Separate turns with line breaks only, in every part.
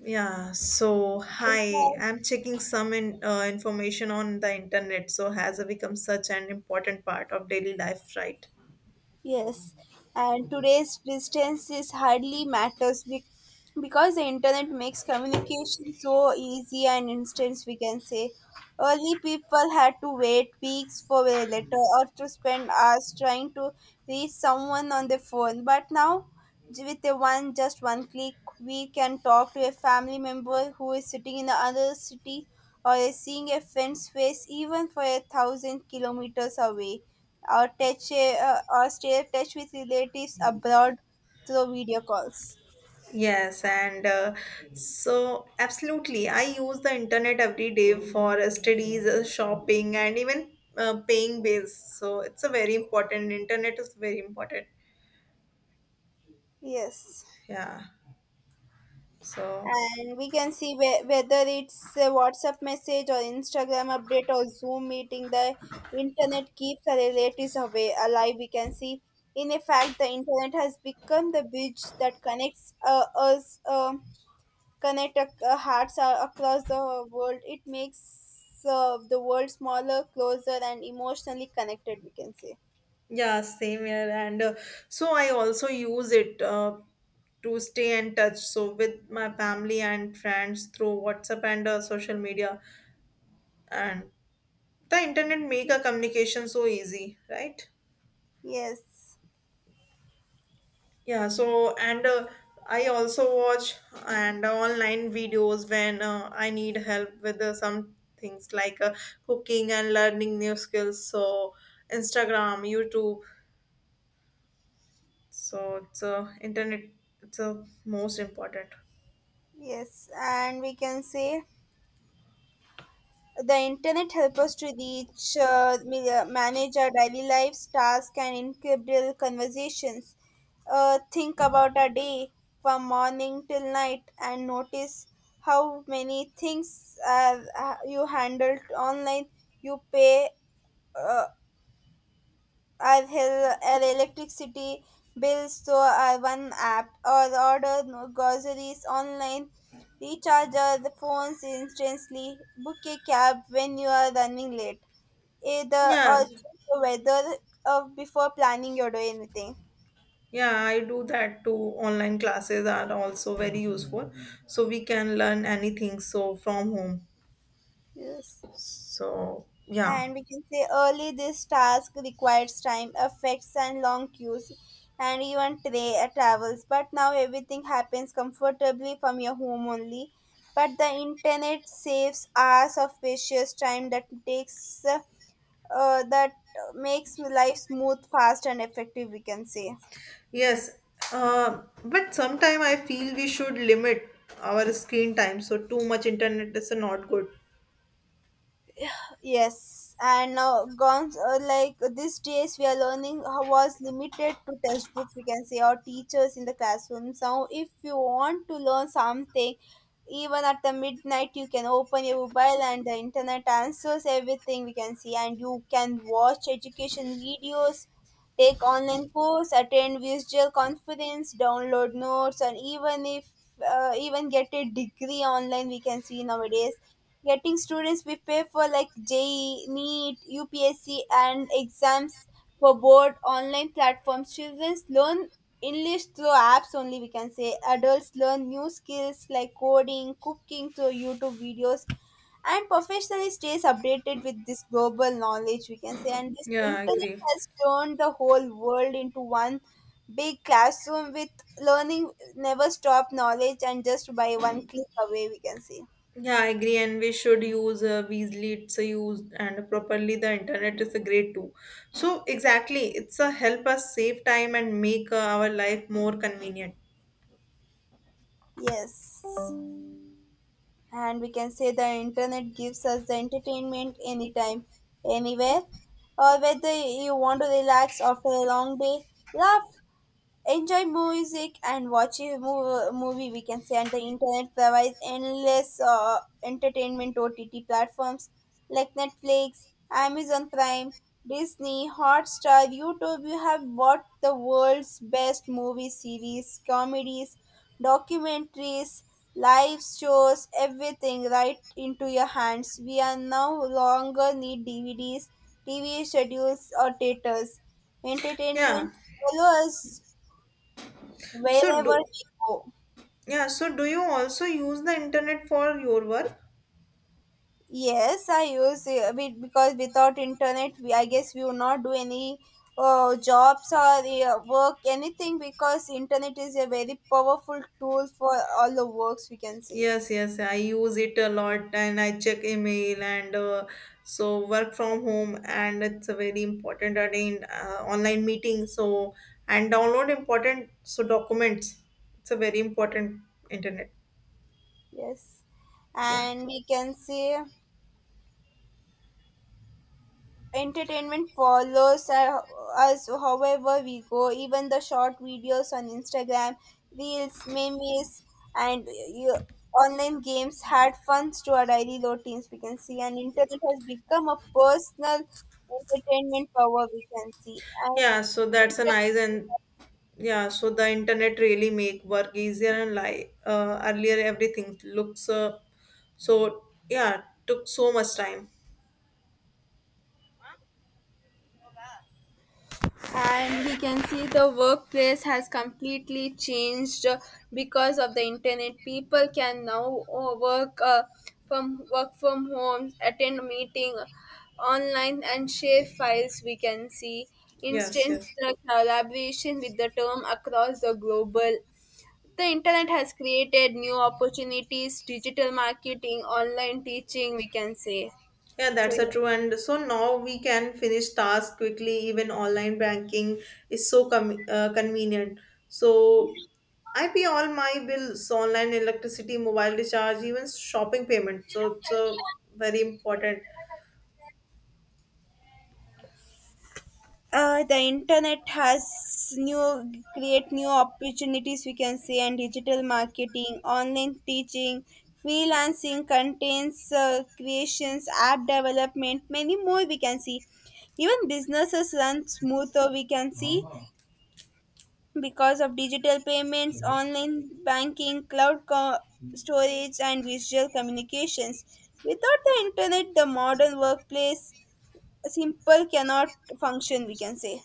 Yeah, so hi, I'm checking some information on the internet. So has become such an important part of daily life, right?
Yes, and today's distance is hardly matters because the internet makes communication so easy and instant. We can say early people had to wait weeks for a letter or to spend hours trying to reach someone on the phone. But now, with a one just one click, we can talk to a family member who is sitting in another city or is seeing a friend's face even for a thousand kilometers away or touch or stay in touch with relatives abroad through video calls.
Yes, and so absolutely, I use the internet every day for studies, shopping, and even paying bills. So it's a very important. Internet is very important.
Yes.
Yeah. So
And we can see whether it's a WhatsApp message or Instagram update or Zoom meeting, the internet keeps our relatives away, alive. We can see, in effect, the internet has become the bridge that connects us, connect hearts across the world. It makes the world smaller, closer, and emotionally connected, we can say.
yeah, same here, and so I also use it. To stay in touch so with my family and friends through WhatsApp and social media, and the internet make a communication so easy, right?
Yes.
yeah so and I also watch and online videos when I need help with some things like cooking and learning new skills, so Instagram, YouTube. So it's internet it's most important.
Yes, and we can say the internet help us to reach, manage our daily lives, tasks, and incredible conversations. Think about our day from morning till night and notice how many things you handled online. You pay uh, I've held an electricity bill so I one app or order no groceries online, recharge our phones instantly, book a cab when you are running late, either
Yeah.
or check the weather of before planning your day anything.
Yeah, I do that too. Online classes are also very useful. So we can learn anything so from home.
Yes.
So yeah.
And we can say early this task requires time effects and long queues and even travels, but now everything happens comfortably from your home only. But the internet saves hours of precious time that takes that makes life smooth, fast, and effective, we can say.
Yes. But sometime I feel we should limit our screen time. So too much internet is not good.
Yes, and now gone like these days we are learning how was limited to textbooks, we can say, or teachers in the classroom. So if you want to learn something, even at the midnight you can open your mobile and the internet answers everything, we can see, and you can watch education videos, take online course, attend visual conference, download notes, and even if even get a degree online, we can see nowadays getting students prepare for like JEE, NEET, UPSC, and exams for board online platforms. Children learn English through apps only, we can say. Adults learn new skills like coding, cooking through YouTube videos, and professionally stays updated with this global knowledge, we can say. And this
Yeah, I
internet
agree.
has turned the whole world into one big classroom with learning never stop, knowledge and just by one click away, we can say.
Yeah, I agree. And we should use Weasley, it's a use and properly the internet is a great tool. So exactly, it's a help us save time and make our life more convenient.
Yes, and we can say the internet gives us the entertainment anytime, anywhere, or whether you want to relax after a long day, laugh, enjoy music and watch a movie, we can say, and the internet provides endless entertainment. OTT platforms like Netflix, Amazon Prime, Disney Hotstar, YouTube, you have bought the world's best movie series, comedies, documentaries, live shows, everything right into your hands. We are no longer need DVDs, TV schedules, or theaters.
Yeah.
Entertainment follow us
So
wherever
do,
we go.
Yeah, so do you also use the internet for your work?
Yes, I use it because without internet, I guess we will not do any jobs or work anything because internet is a very powerful tool for all the works, we can see.
Yes, yes, I use it a lot and I check email and so work from home and it's a very important and in online meeting so and download important so documents. It's a very important internet.
Yes,
Yeah.
and we can see entertainment follows us however we go. Even the short videos on Instagram reels, memes, and you, online games add funds to our daily routines, we can see, and internet has become a personal entertainment power, we can see.
Yeah, so that's a nice
and
and yeah, so the internet really make work easier and like earlier everything looks so yeah, took so much time.
and we can see the workplace has completely changed because of the internet. People can now work from work from homes, attend meeting online, and share files, we can see,
Yes,
instant
yes.
collaboration with the term across the global. The internet has created new opportunities, digital marketing, online teaching, we can say.
Yeah,
So
that's a
yeah.
true. And so now we can finish task quickly. Even online banking is so convenient. So I pay all my bills online, electricity, mobile recharge, even shopping payment. So it's very important.
The internet has new create new opportunities, we can say, and digital marketing, online teaching, freelancing, contents creations, app development, many more, we can see. Even businesses run smoother, we can see, because of digital payments, online banking, cloud storage, and visual communications. Without the internet, the modern workplace simple cannot function, we can say.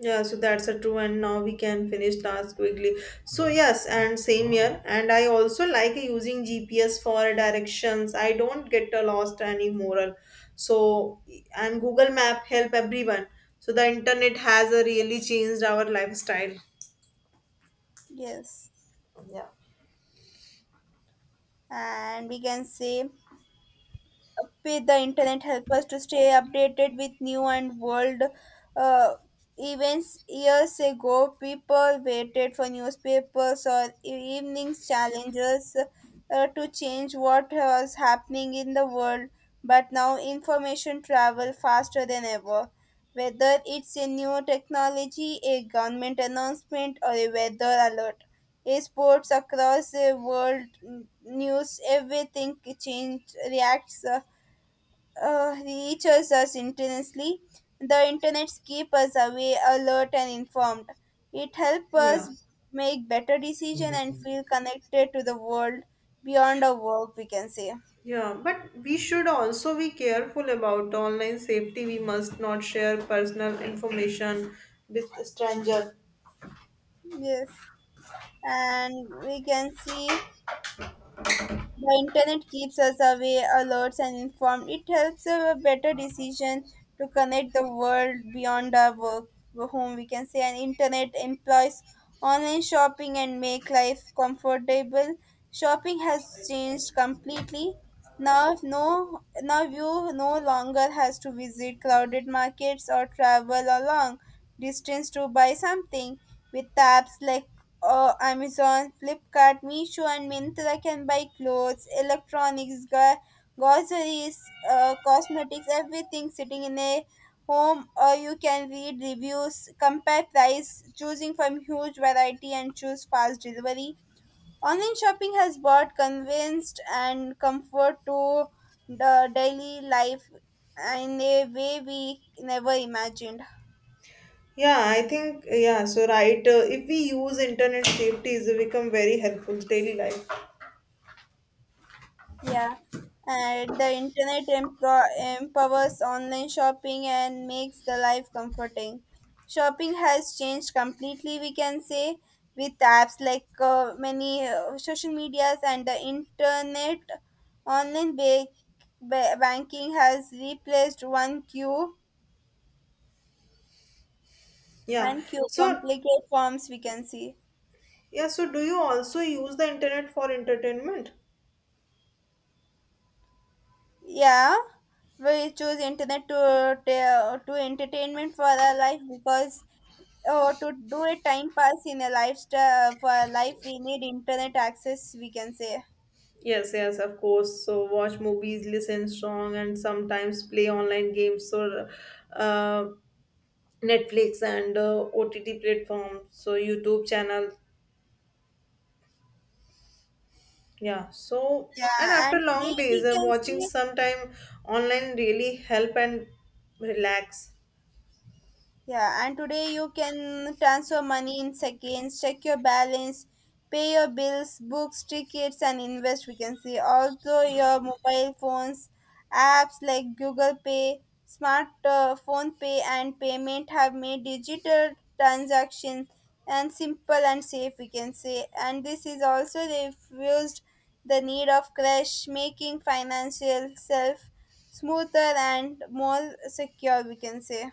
Yeah, so that's a true, and now we can finish task quickly. So yes, and same here. And I also like using GPS for directions. I don't get lost anymore. So and Google Map help everyone. So the internet has really changed our lifestyle.
Yes, and we can say with the internet help us to stay updated with new and world uh, events. Years ago people waited for newspapers or evenings challenges to change what was happening in the world, but now information travel faster than ever, whether it's a new technology, a government announcement, or a weather alert, a sports across the world, news everything change reacts reaches us intensely. The internet keeps us away, alert, and informed. It helps
Yeah.
us make better decisions and feel connected to the world beyond our work, we can say.
Yeah, but we should also be careful about online safety. We must not share personal information with stranger.
Yes. And we can see the internet keeps us aware, alerts, and informed. It helps a better decision to connect the world beyond our work home. We can say, and internet employs online shopping and make life comfortable. Shopping has changed completely. Now you no longer has to visit crowded markets or travel a long distance to buy something. With apps like Amazon, Flipkart, Meesho, and Myntra, can buy clothes, electronics, groceries, cosmetics, everything sitting in a home. Or you can read reviews, compare price, choosing from huge variety, and choose fast delivery. Online shopping has brought convenience and comfort to the daily life in a way we never imagined.
Yeah, I think yeah. So right, if we use internet safety, it become very helpful daily life.
Yeah, and the internet empowers online shopping and makes the life comforting. Shopping has changed completely, we can say, with apps like many social medias and the internet. Online banking has replaced
Yeah.
one queue
So
complicated forms, we can see.
yeah. So do you also use the internet for entertainment?
Yeah, we choose internet to to entertainment for our life because or to do a time pass in a lifestyle for life we need internet access, we can say.
Yes, yes, of course. So watch movies, listen song, and sometimes play online games or uh, Netflix and OTT platforms. So YouTube channel. Yeah. So and
Yeah,
after
and today
long days,
we can
watching
see.
sometime online really help and relax.
Yeah, and today you can transfer money in seconds, check your balance, pay your bills, books, tickets, and invest. We can see also your mobile phones, apps like Google Pay, smart phone pay, and payment have made digital transactions and simple and safe. We can say, and this is also refused the need of cash, making financial self smoother and more secure. We can say.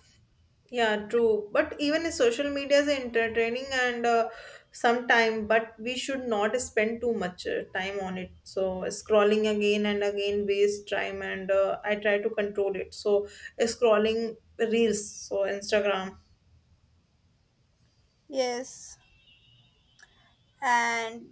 Yeah, true. But even if social media is entertaining and some time, but we should not spend too much time on it. So scrolling again and again waste time, and I try to control it. So scrolling reels, so Instagram.
Yes. And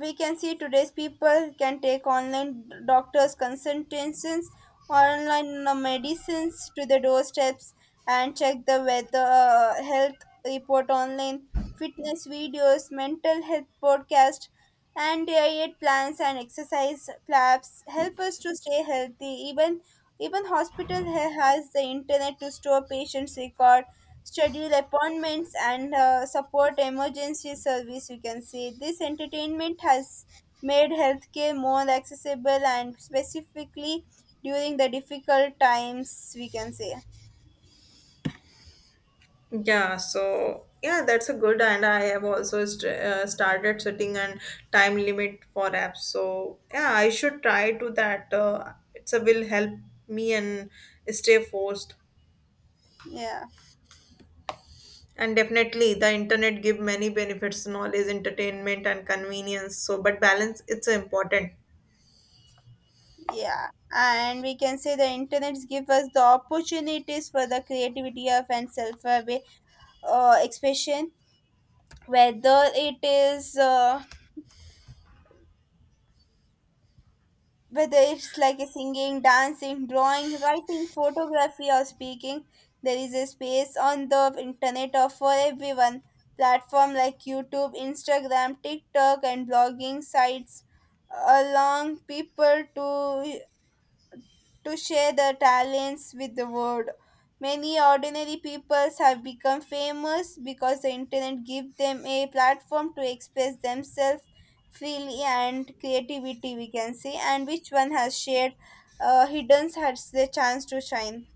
we can see today's people can take online doctors consultations, online medicines to the doorsteps, and check the weather health report online, fitness videos, mental health podcast, and diet plans and exercise clubs help us to stay healthy. Even hospital has the internet to store patients record, schedule appointments, and support emergency service, we can say. This entertainment has made healthcare more accessible and specifically during the difficult times, we can say.
Yeah, so yeah, that's a good. And I have also started setting an time limit for apps. So yeah, I should try to that. It's a will help me and stay forced.
Yeah.
And definitely, the internet give many benefits, knowledge, entertainment, and convenience. So, but balance it's important.
Yeah and we can say the internet give us the opportunities for the creativity of and self-aware expression, whether it is uh, whether it's like a singing, dancing, drawing, writing, photography, or speaking, there is a space on the internet for everyone. Platform like YouTube, Instagram, TikTok, and blogging sites allow people to share their talents with the world. Many ordinary peoples have become famous because the internet gives them a platform to express themselves freely and creativity, we can say, and which one has shared hidden has the chance to shine.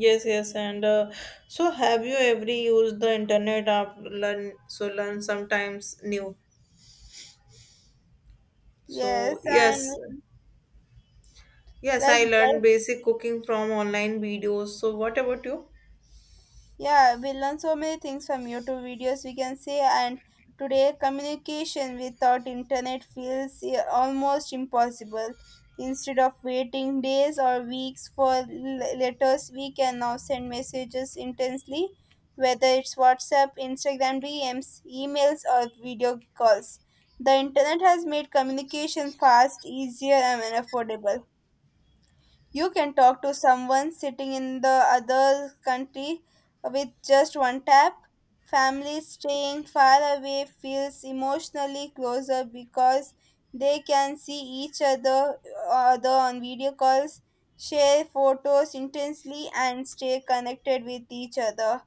Yes, yes, and so have you ever used the internet app learn so learn sometimes new? So
Yes, and
yes, yes,
like
I learned basic cooking from online videos. So what about you?
yeah, we learn so many things from YouTube videos, we can say, and today communication without internet feels yeah, almost impossible. Instead of waiting days or weeks for letters, we can now send messages instantly, whether it's WhatsApp, Instagram DMs, emails, or video calls. The internet has made communication fast, easier, and affordable. You can talk to someone sitting in the other country with just one tap. Family staying far away feels emotionally closer because they can see other on video calls, share photos intensely, and stay connected with each other.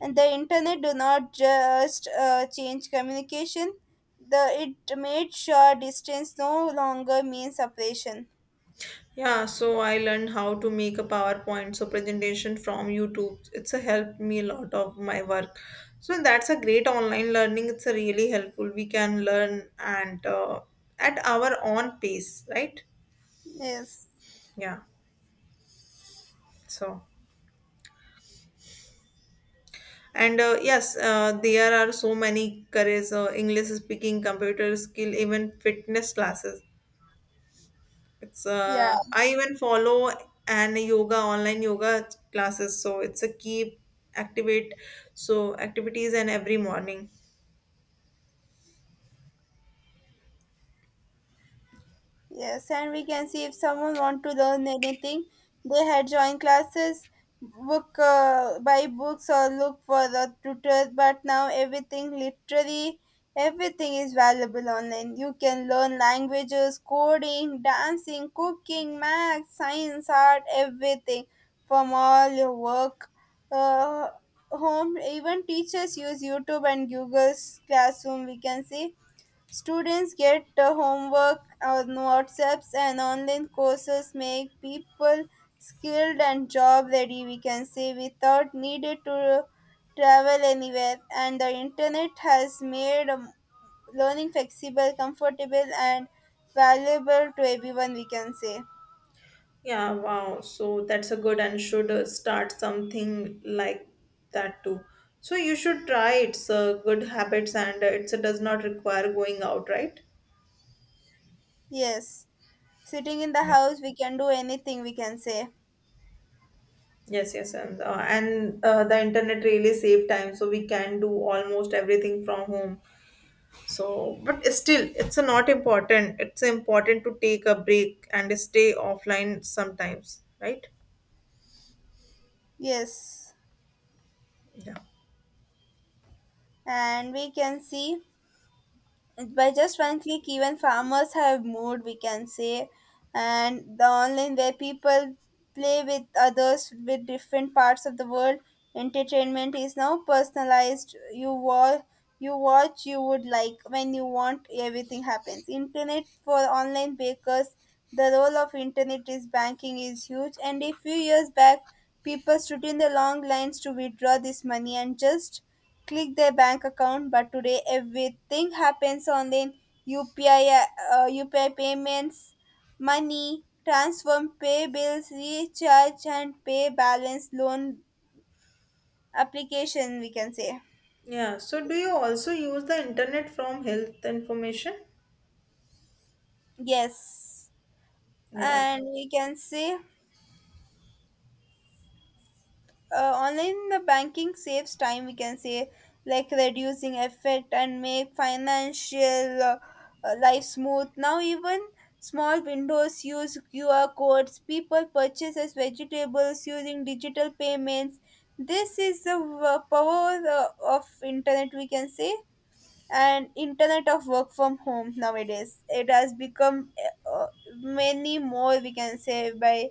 And the internet do not just change communication; the it made sure distance no longer means separation.
Yeah, so I learned how to make a PowerPoint so presentation from YouTube. It's a helped me a lot of my work. So that's a great online learning. It's a really helpful. We can learn and at our own pace, right?
Yes.
Yeah. So and yes, there are so many careers, English speaking, computer skill, even fitness classes. It's
Yeah.
I even follow an yoga online yoga classes, so it's a key activate so activities and every morning.
Yes, and we can see if someone want to learn anything, they had joined classes, book buy books or look for the tutor. But now everything, literally everything is valuable online. You can learn languages, coding, dancing, cooking, math, science, art, everything from all your work. Uh, Home even teachers use YouTube and Google's classroom, we can see. Students get homework on WhatsApps, and online courses make people skilled and job ready, we can say, without needed to travel anywhere. And the internet has made learning flexible, comfortable, and valuable to everyone, we can say.
Yeah, wow. So that's a good and should start something like that too. So you should try it's good habits and it's it does not require going out, right?
Yes. Sitting in the
Yeah.
house, we can do anything, we can say.
Yes, yes, and the internet really save time, so we can do almost everything from home. So but still it's a not important, it's important to take a break and stay offline sometimes, right?
Yes.
Yeah.
And we can see by just one click, even farmers have moved, we can say. And the online where people play with others with different parts of the world. Entertainment is now personalized. You watch you would like when you want. Everything happens internet for online bakers. The role of internet is banking is huge, and a few years back people stood in the long lines to withdraw this money and just click their bank account. But today everything happens on the upi UPI payments, money transfer, pay bills, recharge, and pay balance, loan application, we can say.
Yeah, so do you also use the internet from health information?
Yes,
Yeah.
and we can say, online the banking saves time, we can say, like reducing effort and make financial life smooth. Now even small windows use QR codes, people purchases vegetables using digital payments. This is the power of internet, we can say. And internet of work from home nowadays it has become uh, uh, many more, we can say, by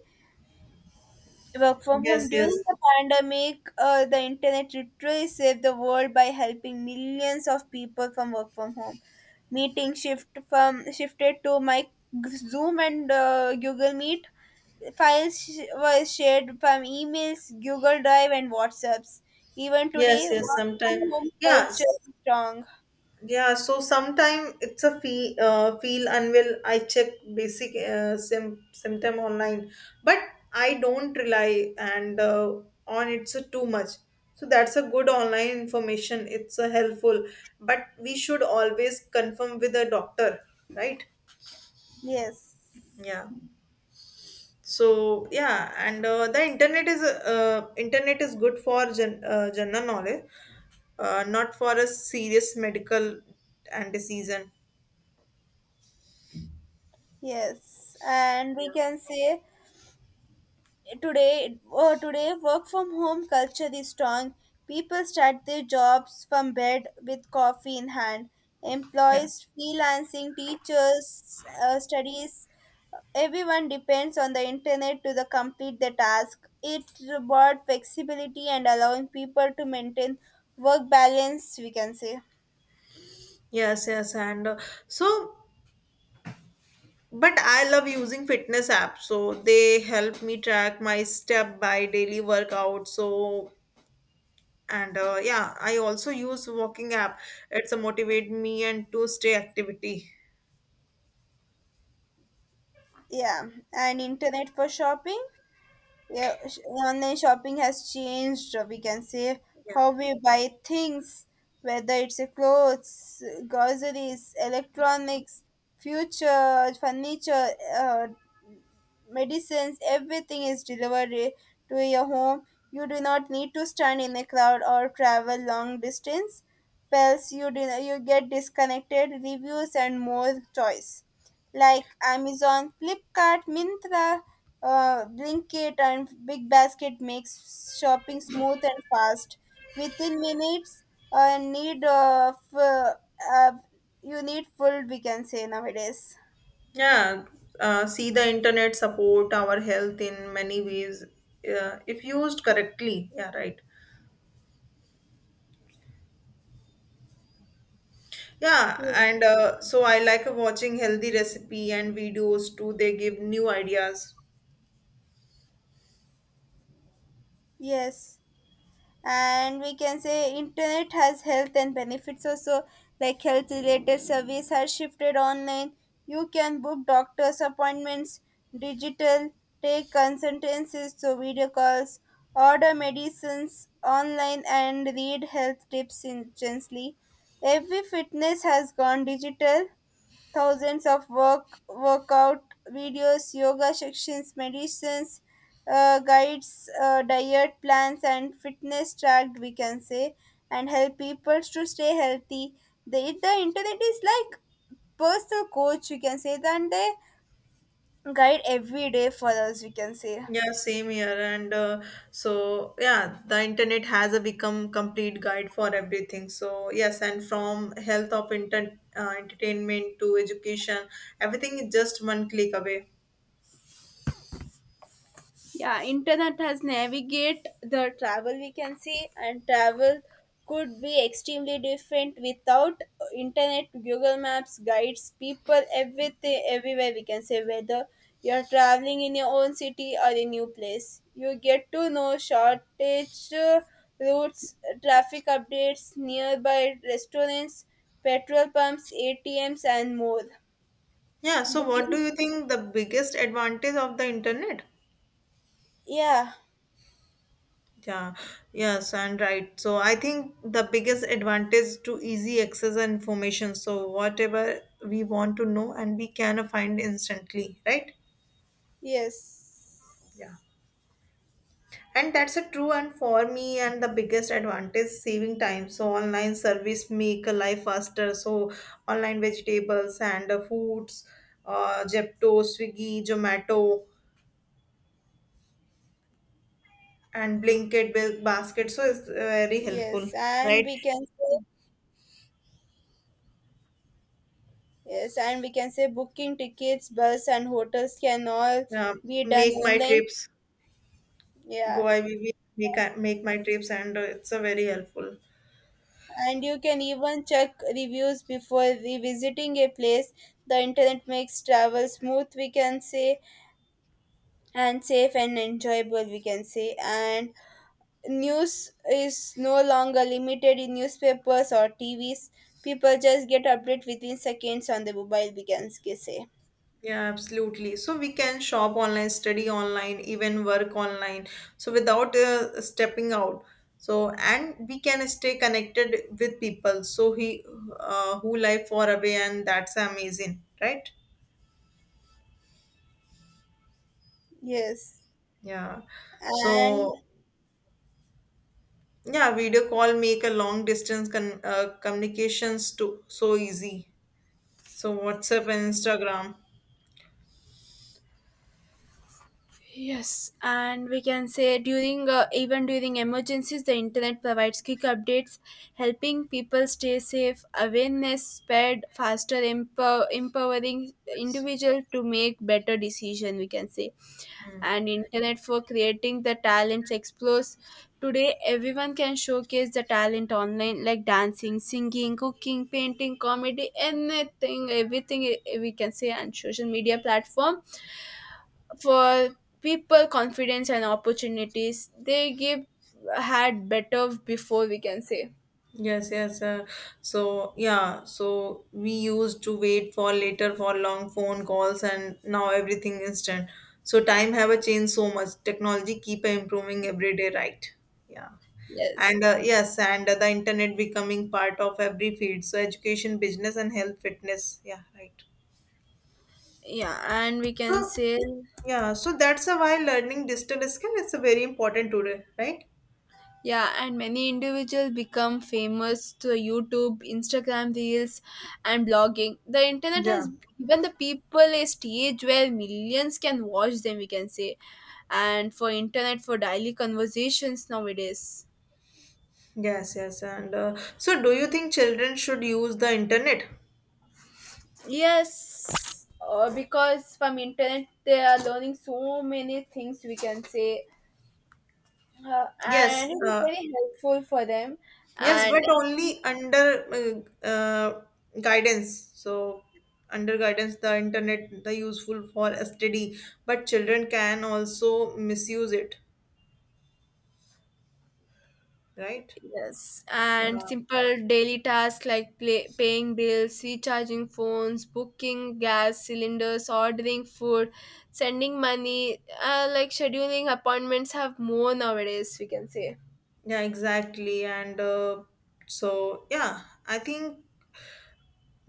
work from
Yes.
home
Yes,
during the pandemic. The internet literally saved the world by helping millions of people from work from home. Meeting shift from shifted to my Zoom and Google Meet. Files were shared from emails, Google Drive, and WhatsApps. Even today
yes, yes
work
sometimes.
from home
Yes.
culture is strong.
Yeah, so sometime it's a feel feel unwell. I check basic sim- symptom online, but I don't rely and on it's a too much. So that's a good online information. It's a helpful, but we should always confirm with a doctor, right?
Yes,
Yeah. So yeah, and the internet is good for general knowledge, not for a serious medical and disease. And,
yes. And we
yeah.
can say today today work from home culture is strong. People start their jobs from bed with coffee in hand.
Yeah.
Employees, freelancing teachers studies, everyone depends on the internet to the complete the task. It brought flexibility and allowing people to maintain work balance, we can say.
Yes, yes, and so but I love using fitness apps. So they help me track my step by daily workout. So and yeah, I also use walking app. It's a motivate me and to stay activity.
Yeah. And internet for shopping. Yeah, online shopping has changed, we can say,
Yeah.
how we buy things, whether it's a clothes, groceries, electronics, future, furniture, medicines, everything is delivered, to your home. You do not need to stand in a crowd or travel long distance. Pills, you do, you get disconnected reviews and more choice, like Amazon, Flipkart, Mintra, Blinkit, and Big Basket makes shopping smooth and fast within minutes. Need of uh, you need full, we can say, nowadays.
Yeah. See the internet support our health in many ways if used correctly. Yeah, right. Yeah,
Yes.
and so I like watching healthy recipe and videos too. They give new ideas.
Yes. And we can say internet has health and benefits also, like health related service has shifted online. You can book doctors appointments, digital take consultancies so video calls, order medicines online and read health tips instantly. Every fitness has gone digital, thousands of workout videos, yoga sections, medicines, guides, diet plans, and fitness tracked, we can say, and help people to stay healthy. The the internet is like personal coach, we can say. Then they guide every day for us, we can say.
Yeah, same here. And so, yeah, the internet has a become complete guide for everything. So, yes, and from health of inter entertainment to education, everything is just one click away.
Yeah, internet has navigate the travel, we can see, and travel could be extremely different without internet, Google Maps, guides, people, everything everywhere, we can say, whether you're traveling in your own city or a new place. You get to know shortage routes, traffic updates, nearby restaurants, petrol pumps, ATMs and more.
Yeah, so what do
Booking?
you think the biggest advantage of the internet?
Yeah.
Yeah, yes, and right. So I think the biggest advantage to easy access and information. So whatever we want to know and we can find instantly, right?
Yes.
Yeah. And that's a true and for me and the biggest advantage saving time. So online service make a life faster. So online vegetables and foods, Jepto, Swiggy, Zomato, and Blinkit with basket. So it's very helpful,
Yes, and
right?
we can say, yes, and we can say, booking tickets, bus, and hotels can all
Uh,
be done
make my
online.
trips.
Yeah,
Go IVV. Make my trips, and it's a very helpful.
and you can even check reviews before revisiting a place. The internet makes travel smooth, we can say, and safe and enjoyable, we can say. And news is no longer limited in newspapers or TVs. People just get update within seconds on the mobile, we can say.
Yeah, absolutely. So we can shop online, study online, even work online. So without stepping out. So and we can stay connected with people. So he who live far away, and that's amazing, right?
Yes,
Yeah.
and
So yeah, video call make a long distance con communications to so easy. So WhatsApp and Instagram.
Yes, and we can say, during even during emergencies, the internet provides quick updates, helping people stay safe. Awareness spread faster, empowering
Yes.
individual to make better decision, we can say.
Hmm.
And internet for creating the talents explores. Today, everyone can showcase the talent online, like dancing, singing, cooking, painting, comedy, anything, everything, we can say, and social media platform for people confidence and opportunities they give had better before, we can say.
Yes, yes. So yeah, so we used to wait for later for long phone calls, and now everything instant. So time have a changed so much. Technology keep improving every day, right? Yeah,
Yes.
and yes, and the internet becoming part of every field. So education, business, and health, fitness. Yeah, right.
Yeah. And we can
So
say,
yeah, so that's a why learning digital skill is a very important today, right?
yeah, and many individuals become famous through YouTube, Instagram reels, and blogging. The internet
Yeah.
has given the people a stage where millions can watch them, we can say. And for internet for daily conversations nowadays.
Yes, yes. And so, do you think children should use the internet?
Yes, because from internet they are learning so many things, we can say, and
Yes,
it is very helpful for them.
yes,
And
but only under guidance. So, under guidance, the internet the useful for study, but children can also misuse it, right?
yes, and
Yeah,
simple daily tasks like paying bills, recharging phones, booking gas cylinders, ordering food, sending money, like scheduling appointments have more nowadays, we can say.
yeah, exactly. And so, yeah, I think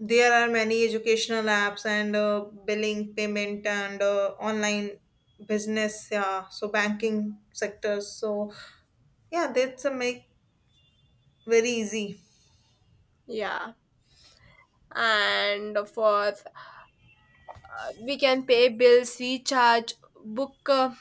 there are many educational apps and billing, payment, and online business. Yeah, so banking sectors. So yeah, that's a make very easy.
Yeah. And for we can pay bills, recharge, book uh,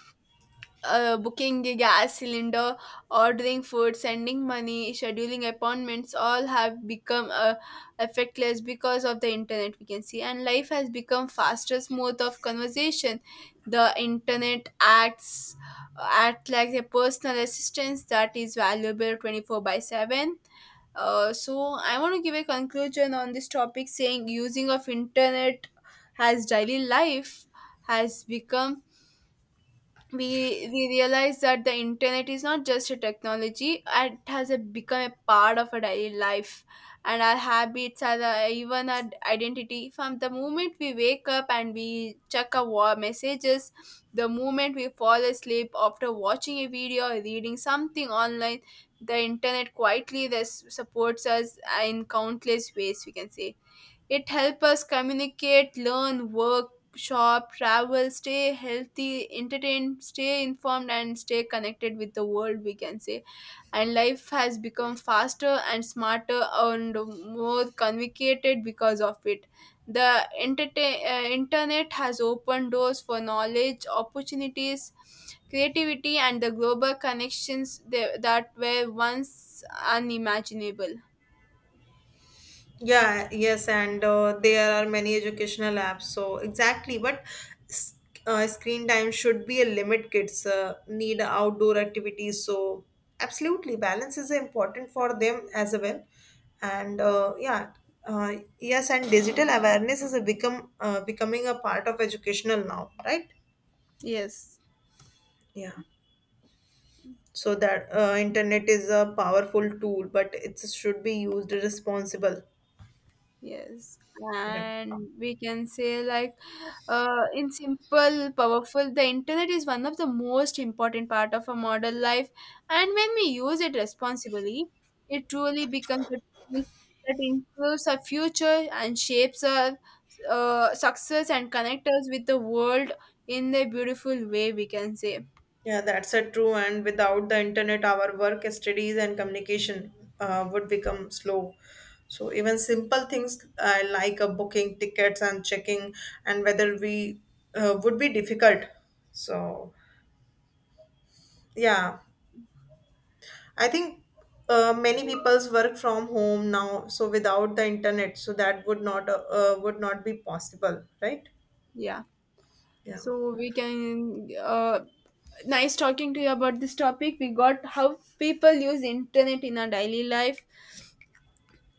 booking a gas cylinder, ordering food, sending money, scheduling appointments all have become effectless because of the internet, we can see. And life has become faster mode of conversation. The internet act like a personal assistance that is valuable 24/7. So I want to give a conclusion on this topic, saying using of internet has daily life has become. We realize that the internet is not just a technology. It has become a part of our daily life and our habits, even our identity. From the moment we wake up and we check our messages, the moment we fall asleep after watching a video or reading something online, the internet quietly this supports us in countless ways, we can say. It helps us communicate, learn, work, shop, travel, stay healthy, entertain, stay informed, and stay connected with the world, we can say. And life has become faster and smarter and more complicated because of it. The internet has opened doors for knowledge, opportunities, creativity, and the global connections that were once unimaginable.
Yeah, yes, and there are many educational apps. So exactly, but s- screen time should be a limit. Kids need outdoor activities, so absolutely balance is important for them as well. And yeah, yes, and digital awareness is a become becoming a part of educational now, right?
Yes.
Yeah. So that internet is a powerful tool, but it should be used responsible.
Yes,
Yeah.
and we can say, like in simple, powerful, the internet is one of the most important part of a modern life, and when we use it responsibly, it truly becomes a tool that improves our future and shapes our success and connect us with the world in a beautiful way, we can say.
Yeah, that's a true. And without the internet, our work, studies, and communication would become slow. So even simple things like booking tickets and checking and whether we would be difficult. So yeah, I think many people's work from home now. So without the internet, so that would not be possible, right?
Yeah.
Yeah,
So we can nice talking to you about this topic. We got how people use internet in our daily life.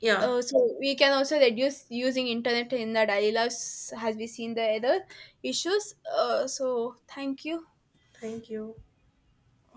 yeah.
So we can also reduce using internet in the daily lives as we seen the other issues. So thank you.
Thank you.